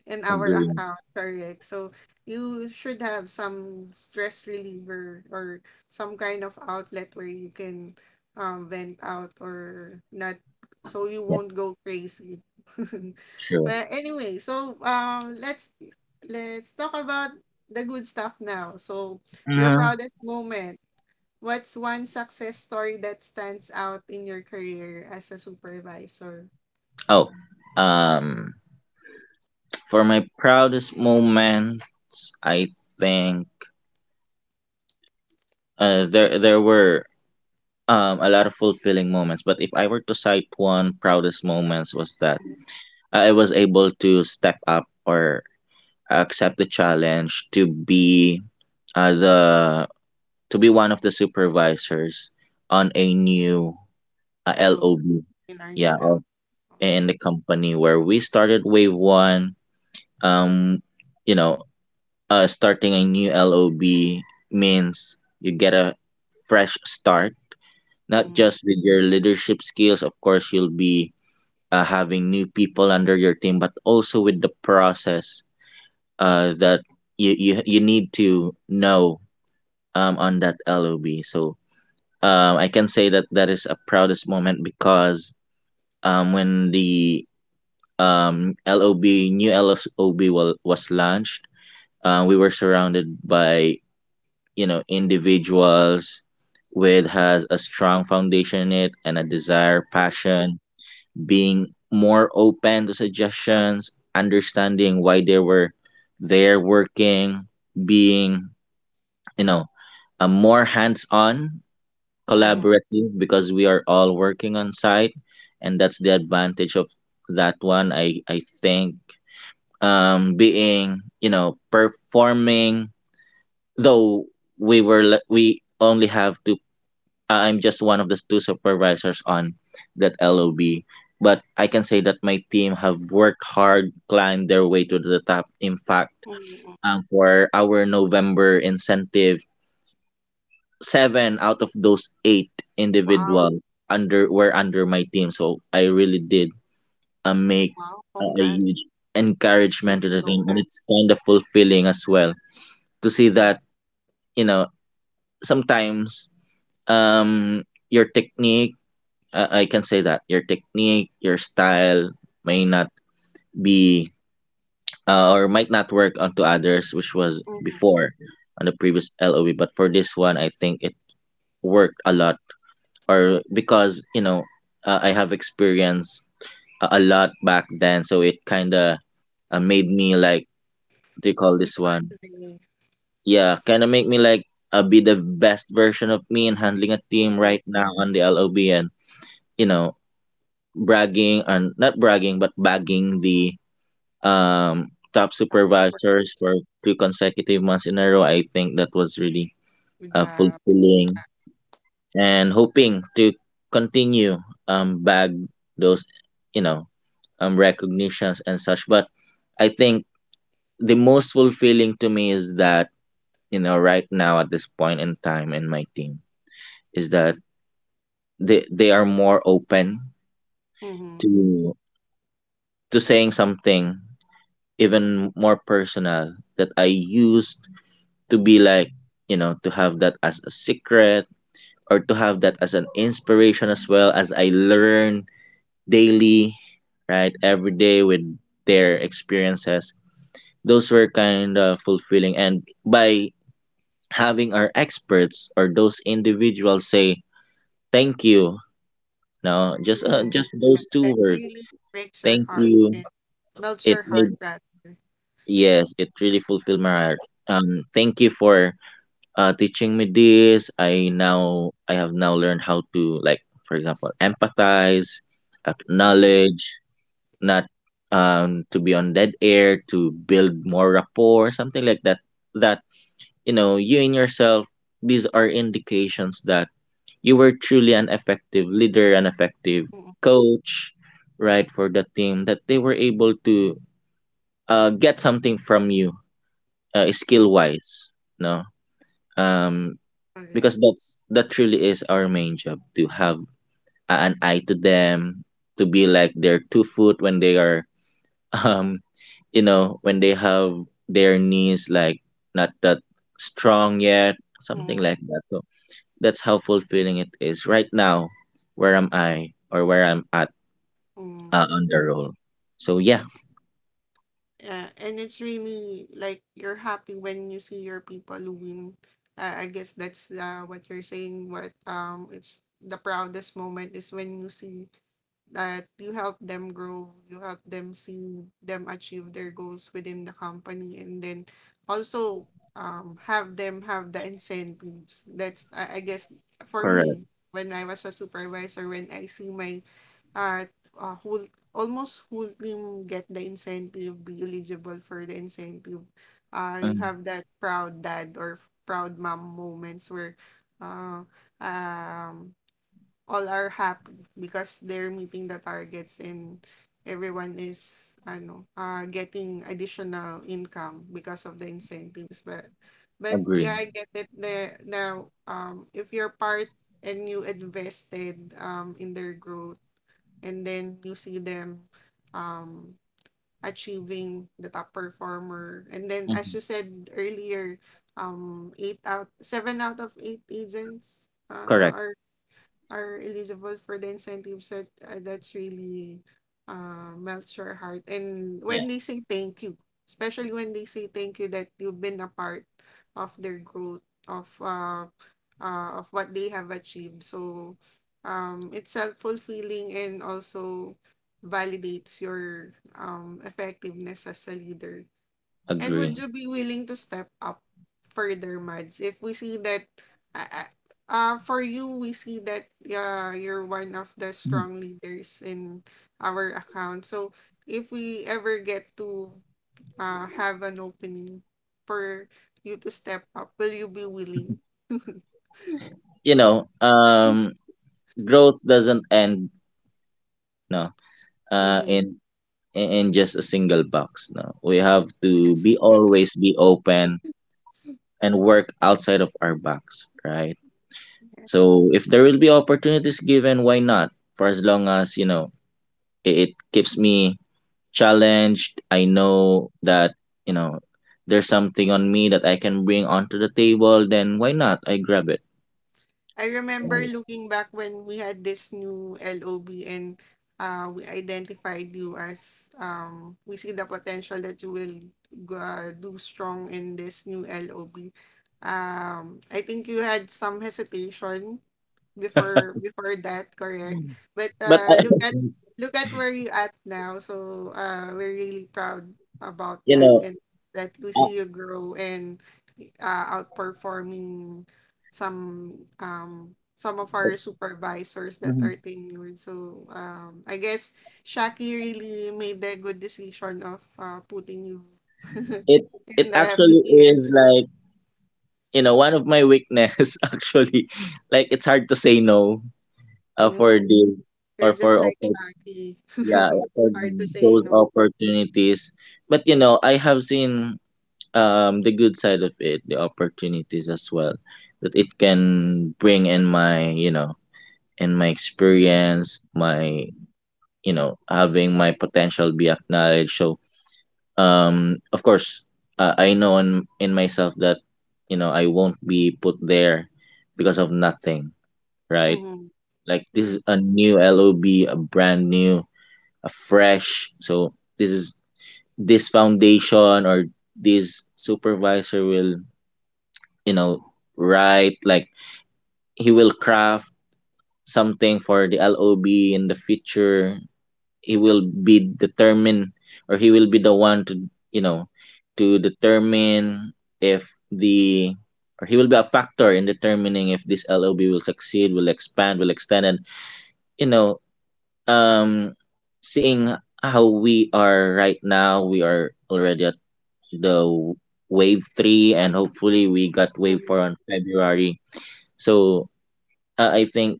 S1: in our
S2: Agreeing.
S1: account, correct? So you should have some stress reliever or some kind of outlet where you can vent out or not, so you
S2: Yeah,
S1: won't go crazy.
S2: sure.
S1: But anyway, so let's talk about the good stuff now. So your
S2: Uh,
S1: proudest moment. What's one success story that stands out in your career as a supervisor?
S2: oh, um, for my proudest moments, I think there were a lot of fulfilling moments. But if I were to cite one proudest moments, was that I was able to step up or accept the challenge to be the to be one of the supervisors on a new
S1: Hello,
S2: LOB.
S1: in our new
S2: Yeah,
S1: L. All
S2: in
S1: right.
S2: the company where we started wave 1. Um, you know, starting a new LOB means you get a fresh start, not
S1: Mhm.
S2: just with your leadership skills. Of course, you'll be having new people under your team, but also with the process that you need to know on that LOB. So I can say that that is a proudest moment because um, when the um, LOB, new LOB was launched, we were surrounded by, you know, individuals with has a strong foundation in it and a desire, passion, being more open to suggestions, understanding why they were there working, being, you know, a more hands-on,
S1: Mhm.
S2: collaborative, because we are all working on site. And that's the advantage of that one. I think being, you know, performing, though we only have to I'm just one of the two supervisors on that LOB, but I can say that my team have worked hard, climbed their way to the top. In fact,
S1: Mhm.
S2: for our November incentive, seven out of those eight
S1: Wow.
S2: individual under were under my team. So I really did make
S1: Wow,
S2: a
S1: congrats.
S2: huge
S1: We
S2: encouragement to
S1: didn't
S2: the
S1: know
S2: team, and
S1: that.
S2: it's kind of fulfilling as well to see
S1: Mm,
S2: that, you know, sometimes um your technique I can say that your technique, your style may not be or might not work onto others, which was
S1: mhm.
S2: before on the previous LOB but for this one, I think it worked a lot. Or because, you know, I have experience a lot back then, so it kind of made me like, what do you call
S1: Who you
S2: this one.
S1: are today.
S2: Yeah, kind of make me like be the best version of me in handling a team
S1: Mm-hmm.
S2: right now on the LOB. And, you know, bragging and not bragging, but bagging the top
S1: I'm super happy
S2: supervisors for 2 consecutive months in a row. I think that was really
S1: with job.
S2: fulfilling, and hoping to continue bag those, you know, recognitions and such. But I think the most fulfilling to me is that, you know, right now at this point in time in my team, is that they are more open
S1: Mm-hmm.
S2: to to saying something even more personal, that I used to be like, you know, to have that as a secret, or to have that as an inspiration, as well as I learn daily, right, every day with their experiences. Those were kind of fulfilling. And by having our experts or those individuals say, "Thank you," no, just
S1: Mm-hmm.
S2: just those two
S1: That
S2: words,
S1: really breaks your
S2: thank
S1: heart
S2: you,
S1: and melts
S2: it
S1: your heart
S2: made,
S1: rather.
S2: yes, it really fulfilled my heart. "Thank you for teaching me this. I have now learned how to, like, for example, empathize,
S1: Mm-hmm.
S2: acknowledge, not to be on dead air, to build more rapport," something like that. That, you know, you and yourself, these are indications that you were truly an effective leader, an effective
S1: Mm-hmm.
S2: coach, right, for the team, that they were able to get something from you skill wise, no, um
S1: Sorry.
S2: because that's that truly is our main job, to have an eye to them, to be like their 2 foot when they are um you know, when they have their knees like not that strong yet, something like that. So that's how fulfilling it is right now, where am I or where I'm at
S1: Mm-hmm.
S2: on the role. So yeah.
S1: Yeah, and it's really like you're happy when you see your people win. I guess that's what you're saying. What it's the proudest moment is when you see that you help them grow, you help them see them achieve their goals within the company, and then also have them have the incentives. That's, I guess, for me,
S2: Correct.
S1: when I was a supervisor, when I see my uh, whole, almost whole team get the incentive, be eligible for the incentive, you
S2: Mm.
S1: have that proud dad or proud mom moments where uh, um all are happy because they're meeting the targets and everyone is ano getting additional income because of the incentives. But
S2: Agree.
S1: yeah, I get it the now, if you're part and you invested in their growth, and then you see them um achieving the top performer, and then as you
S2: Mhm.
S1: said earlier, eight out seven out of eight agents
S2: Correct.
S1: are eligible for the incentives, that that's really melts your heart. And
S2: Yeah.
S1: when they say thank you, especially when they say thank you that you've been a part of their growth, of uh, of what they have achieved. So it's self fulfilling, and also validates your effectiveness as a leader. And would
S2: Agree.
S1: you be willing to step up further, Mads? If we see that, uh, for you, we see that you're one of the strong leaders in our account. So if we ever get to have an opening for you to step up, will you be willing? Mm-hmm.
S2: You know, growth doesn't end, no, uh in in just a single box, no, we have to
S1: Yes.
S2: be always be open and work outside of our box, right? So if there will be opportunities given, why not? For as long as, you know, it keeps me challenged, I know that, you know, there's something on me that I can bring onto the table, then why not, I grab it.
S1: I remember
S2: Right.
S1: looking back when we had this new LOB, and we identified you as we see the potential that you will do strong in this new LOB. I think you had some hesitation before, before that, correct? But
S2: But I,
S1: look at, look at where you at now. So we're really proud about
S2: you
S1: that,
S2: know,
S1: and that we
S2: uh,
S1: see you grow and outperforming some, some of our supervisors that
S2: mhm.
S1: are tenured. So I guess Shaki really made the good decision of putting you
S2: it
S1: in
S2: it
S1: the
S2: actually is
S1: PPMs.
S2: like, you know, one of my weakness actually, like it's hard to say no for
S1: Mm,
S2: this or
S1: you're just
S2: for
S1: like
S2: oppor-
S1: Shaki.
S2: yeah, for
S1: Hard to say
S2: those
S1: no.
S2: opportunities. But you know, I have seen the good side of it, the opportunities as well, that it can bring in my, you know, in my experience, my, you know, having my potential be acknowledged. So of course, I know in myself that, you know, I won't be put there because of nothing, right?
S1: Mm-hmm.
S2: Like this
S1: Yeah.
S2: is a new LOB, a brand new, a fresh. So this is this foundation, or this supervisor will, you know, write, like, he will craft something for the LOB in the future. He will be determined, or he will be the one to, you know, to determine if the or he will be a factor in determining if this LOB will succeed, will expand, will extend. And, you know, um, seeing how we are right now, we are already at the wave 3, and hopefully we got wave 4
S1: Mm-hmm.
S2: on February. So I think,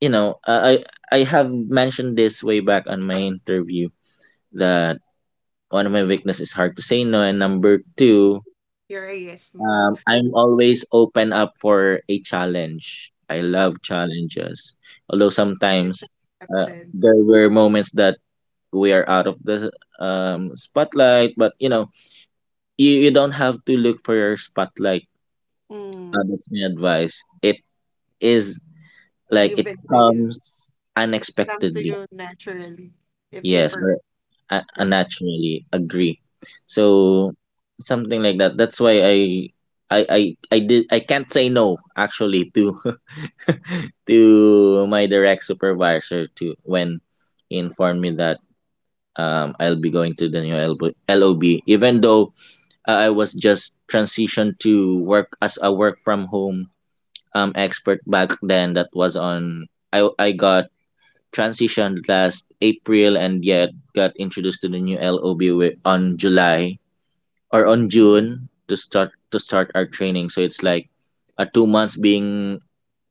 S2: you know, I have mentioned this way back on my interview that one of my weakness is hard to say no, and number two,
S1: Mm. You're a yes man.
S2: I'm always open up for a challenge. I
S1: So
S2: love challenges, although
S1: it's
S2: sometimes uh,
S1: accepted.
S2: there were moments that we are out of the spotlight. But you know, you don't have to look for your spotlight.
S1: Mm,
S2: That's my advice. It is like it
S1: given to you.
S2: comes
S1: Comes to
S2: unexpectedly.
S1: you naturally, if you
S2: Yes, I
S1: prefer.
S2: naturally agree. So something like that. That's why I I I can't say no actually to to my direct supervisor to when he informed me that I'll be going to the new LB, even though I was just transitioned to work as a work from home expert back then that was on I got transitioned last April and yet got introduced to the new LOB on July or on June to start our training. So it's like a 2 months being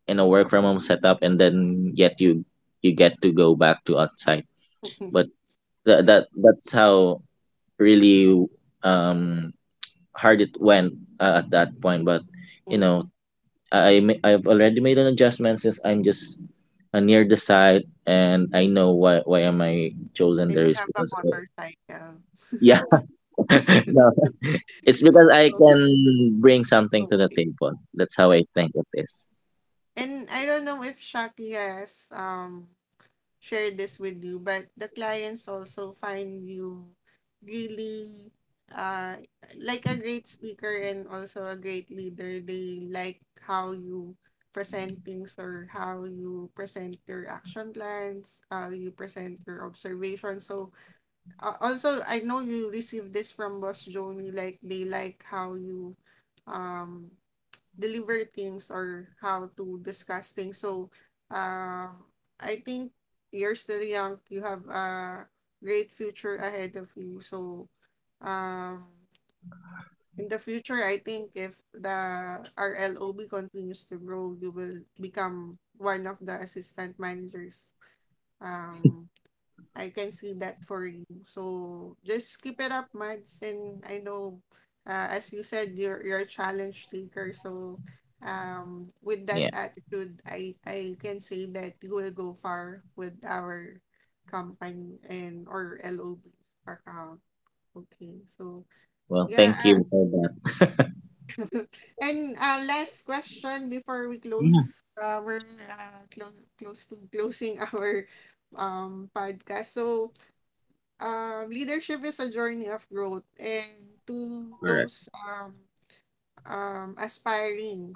S2: in a work from home setup, and then yet you get to go back to outside. But that's how really um hard it went at that point. But you know
S1: Mm.
S2: I've already made an adjustment since I'm just near the site and I know why am I chosen
S1: And you
S2: there is
S1: have a
S2: because I-
S1: motorcycle.
S2: yeah, no, it's because I
S1: So,
S2: can bring something to the table. That's how I think it is.
S1: and I don't know if Shaki has shared this with you, but the clients also find you really uh like a great speaker and also a great leader. They like how you present things, or how you present your action plans, how you present your observations. So also, I know you received this from Boss Joni, like they like how you um deliver things or how to discuss things. So, uh, I think you're still young. You have a great future ahead of you. So, um, in the future, I think if the RLOB continues to grow, you will become one of the assistant managers. Um, I can see that for you. So just keep it up, Mads. And I know, as you said, you're a challenge taker. So, with that
S2: Yeah.
S1: attitude, I can say that you will go far with our company and or LOB account. Okay, so
S2: Well,
S1: yeah,
S2: thank you for that.
S1: and last question before we
S2: Yeah.
S1: close. We're close to closing our podcast. So leadership is a journey of growth, and to
S2: Correct.
S1: those aspiring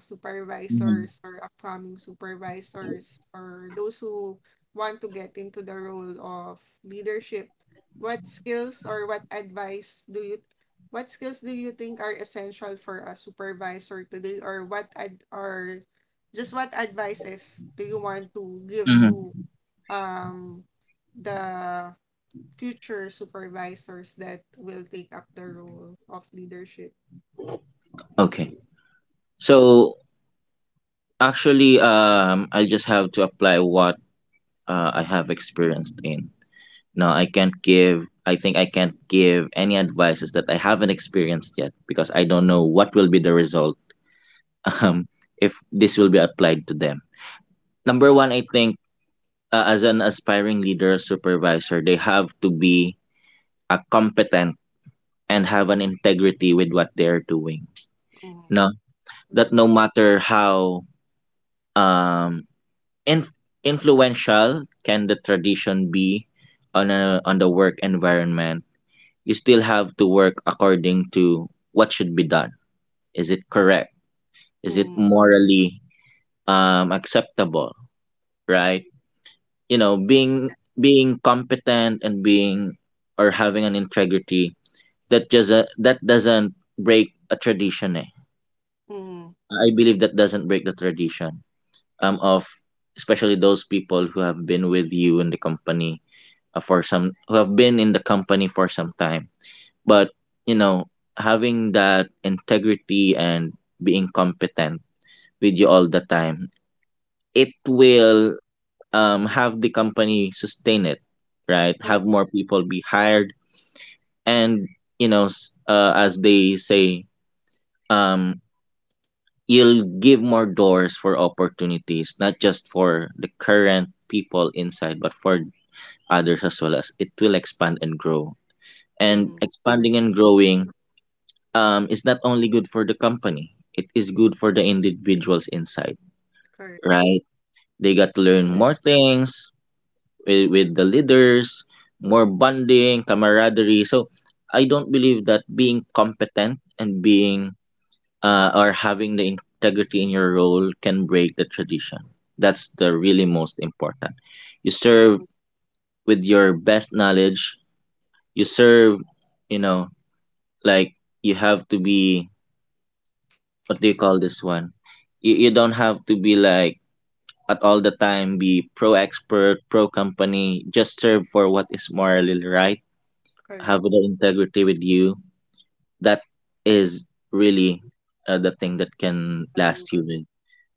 S2: Hmm.
S1: supervisors or upcoming supervisors or those who want to get into the role of leadership, what skills or what advice do you what skills do you think are essential for a supervisor today, or just what advices do you want to give
S2: Hmm.
S1: to um the future supervisors that will take up the role of leadership.
S2: Okay. So actually, I just have to apply what I have experienced in. No, I can't give. I think I can't give any advices that I haven't experienced yet because I don't know what will be the result, um, if this will be applied to them. Number one, I think as an aspiring leader or supervisor, they have to be competent and have an integrity with what they are doing.
S1: Mm,
S2: No, that
S1: correct.
S2: no matter how um, inf- influential can the tradition be on the work environment, you still have to work according to what should be done. Is it correct? Is it
S1: Mm,
S2: morally acceptable? Right? You know, being competent and being or having an integrity that just that doesn't break a tradition. Eh.
S1: mm,
S2: I believe that doesn't break the tradition of especially those people who have been with you in the company for some who have been in the company for some time, but you know, having that integrity and being competent with you all the time, it will have the company sustain it, right,
S1: mm,
S2: have more people be hired, and you know as they say, um you'll give more doors for opportunities not just for the current people inside but for others as well as it will expand and grow. And
S1: mhm.
S2: expanding and growing is not only good for the company, it is good for the individuals inside,
S1: Correct.
S2: right? They got to learn
S1: Correct.
S2: more things with the leaders, more bonding, camaraderie. So I don't believe that being competent and being or having the integrity in your role can break the tradition. That's the really most important. You serve
S1: Mhm.
S2: with your best knowledge. You serve, you know, like you have to be, what do you call this one? You don't have to be like at all the time be pro expert, pro company, just serve for what is morally right, have
S1: Correct.
S2: the integrity with you. That is really the thing that can
S1: How you
S2: last you
S1: will.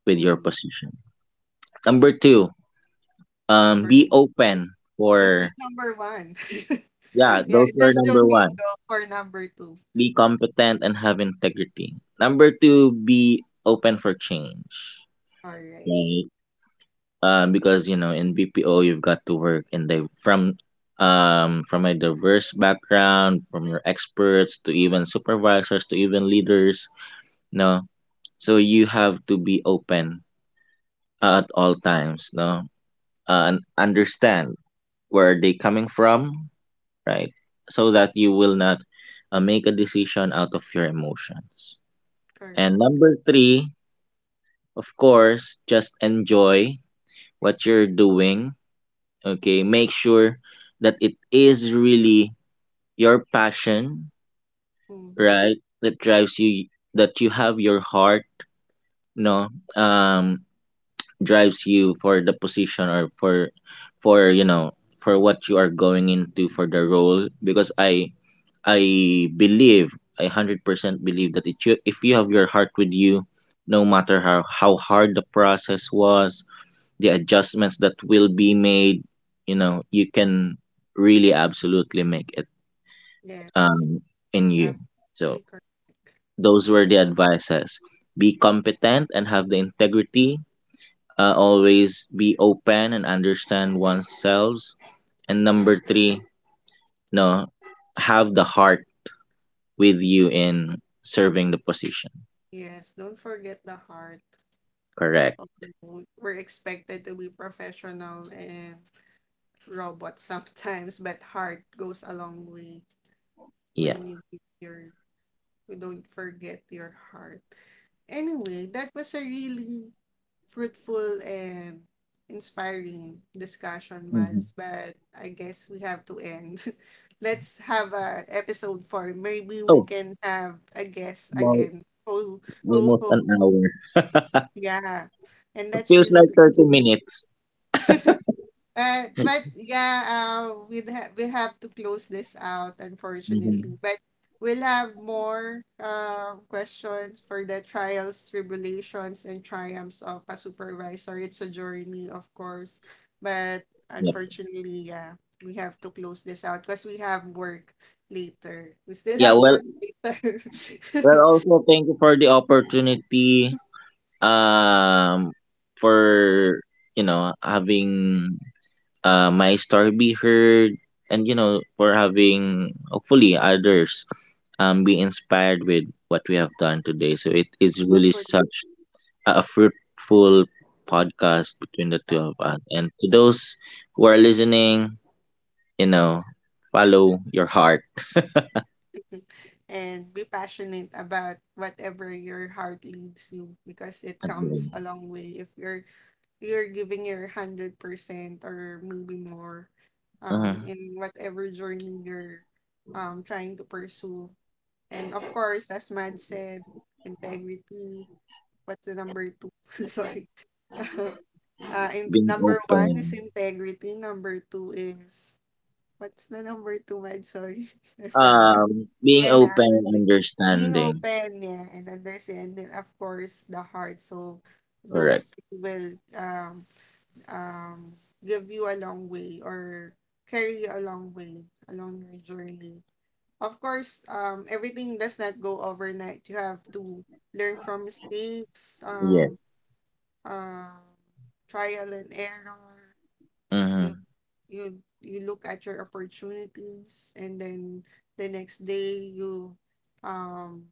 S2: with your
S1: Mm,
S2: position. Number two, um,
S1: correct.
S2: be
S1: Of
S2: open
S1: that's
S2: for,
S1: just number one.
S2: yeah,
S1: Yeah,
S2: those were
S1: that's the
S2: number one.
S1: go for number two.
S2: Be competent and have integrity. Number two, be open for change.
S1: All right.
S2: Right? Because you know in BPO you've got to work in the from a diverse background, from your experts to even supervisors to even leaders, no, so you have to be open at all times, no, and understand where they coming from, right, so that you will not make a decision out of your emotions. And
S1: Correct.
S2: number 3, of course, just enjoy what you're doing. Okay, make sure that it is really your passion,
S1: Mm-hmm.
S2: right, that drives you, that you have your heart, no, um drives you for the position or for you know, for what you are going into for the role, because I believe, I 100% believe that it, you, if you have your heart with you, no matter how hard the process was, the adjustments that will be made, you know, you can really absolutely make it um
S1: Yes.
S2: in you. So
S1: Absolutely correct.
S2: those were the advices. Be competent and have the integrity, always be open and understand oneself, and number three, no, have the heart with you in serving the position.
S1: Yes. Don't forget the heart.
S2: Correct.
S1: Of we're expected to be professional and robot sometimes, but heart goes a long way
S2: Yeah.
S1: when you give your, you don't forget your heart. Anyway, that was a really fruitful and inspiring discussion,
S2: Mhm.
S1: Miles. But I guess we have to end. Let's have a episode for maybe we
S2: Oh,
S1: can have a guest
S2: well,
S1: again. Co
S2: it's
S1: co
S2: almost
S1: host.
S2: an hour.
S1: Yeah. And
S2: It
S1: that's
S2: feels
S1: really
S2: like
S1: great.
S2: 30 minutes.
S1: But yeah, we have to close this out,
S2: Hmm.
S1: unfortunately. But we'll have more questions for the trials, tribulations, and triumphs of a supervisor. It's a journey, of course. But unfortunately, yeah, we have to close this out because we have work later. We still
S2: Yeah,
S1: have
S2: well,
S1: work later.
S2: also thank you for the opportunity. Um, for you know having my story be heard, and you know for having hopefully others be inspired with what we have done today. So
S1: Yeah.
S2: it is really
S1: Hopefully.
S2: such a fruitful podcast between the two of
S1: uh,
S2: us. And to those who are listening, you know, follow your heart.
S1: and be passionate about whatever your heart leads you because it comes
S2: Again,
S1: a long way if you're giving your 100% or maybe more
S2: uh,
S1: in whatever journey you're trying to pursue, and of course as Mad said, integrity. What's the number two? Sorry. uh in
S2: being
S1: number one is
S2: open.
S1: integrity. Number two is what's the number two, Mad? Sorry. I forgot.
S2: Being
S1: Ayan na,
S2: open and
S1: actually. Being
S2: understanding.
S1: open, yeah, and understanding, of course, the heart. So
S2: Correct.
S1: those two will um, give you a long way or carry you a long way along your journey. Of course, everything does not go overnight. You have to learn from mistakes,
S2: Yes.
S1: um, trial and error.
S2: Mm-hmm.
S1: You you look at your opportunities, and then the next day you um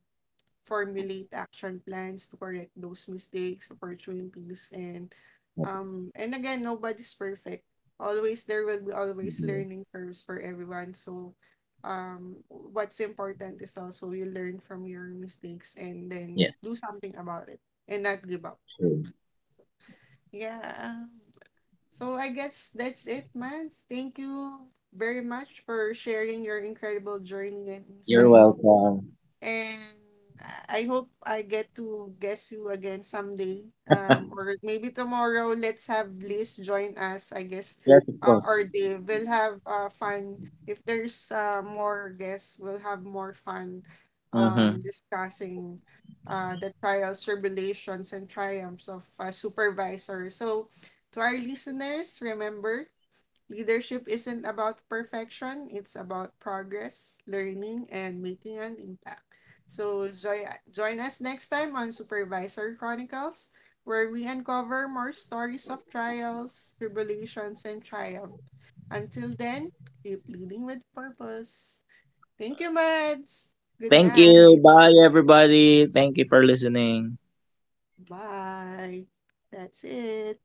S1: formulate action plans to correct those mistakes, opportunities, and again, nobody's perfect. Always there will be always
S2: Mm-hmm.
S1: learning curves for everyone. So what's important is also you learn from your mistakes and then
S2: Yes.
S1: do something about it, and not give up.
S2: True.
S1: Yeah. So I guess that's it, man. Thank you very much for sharing your incredible journey and
S2: You're
S1: insights.
S2: welcome.
S1: And I hope I get to guess you again someday. Or maybe tomorrow, let's have Liz join us, I guess.
S2: Yes, of course.
S1: Or Dave. We'll have fun. If there's more guests, we'll have more fun
S2: Mm-hmm.
S1: discussing the trials, tribulations, and triumphs of supervisor. So, to our listeners, remember, leadership isn't about perfection, it's about progress, learning, and making an impact. So join us next time on Supervisor Chronicles, where we uncover more stories of trials, tribulations, and triumph. Until then, keep leading with purpose. Thank you, Mads. Good
S2: Thank you.
S1: night.
S2: Bye, everybody. Thank you for listening.
S1: Bye. That's it.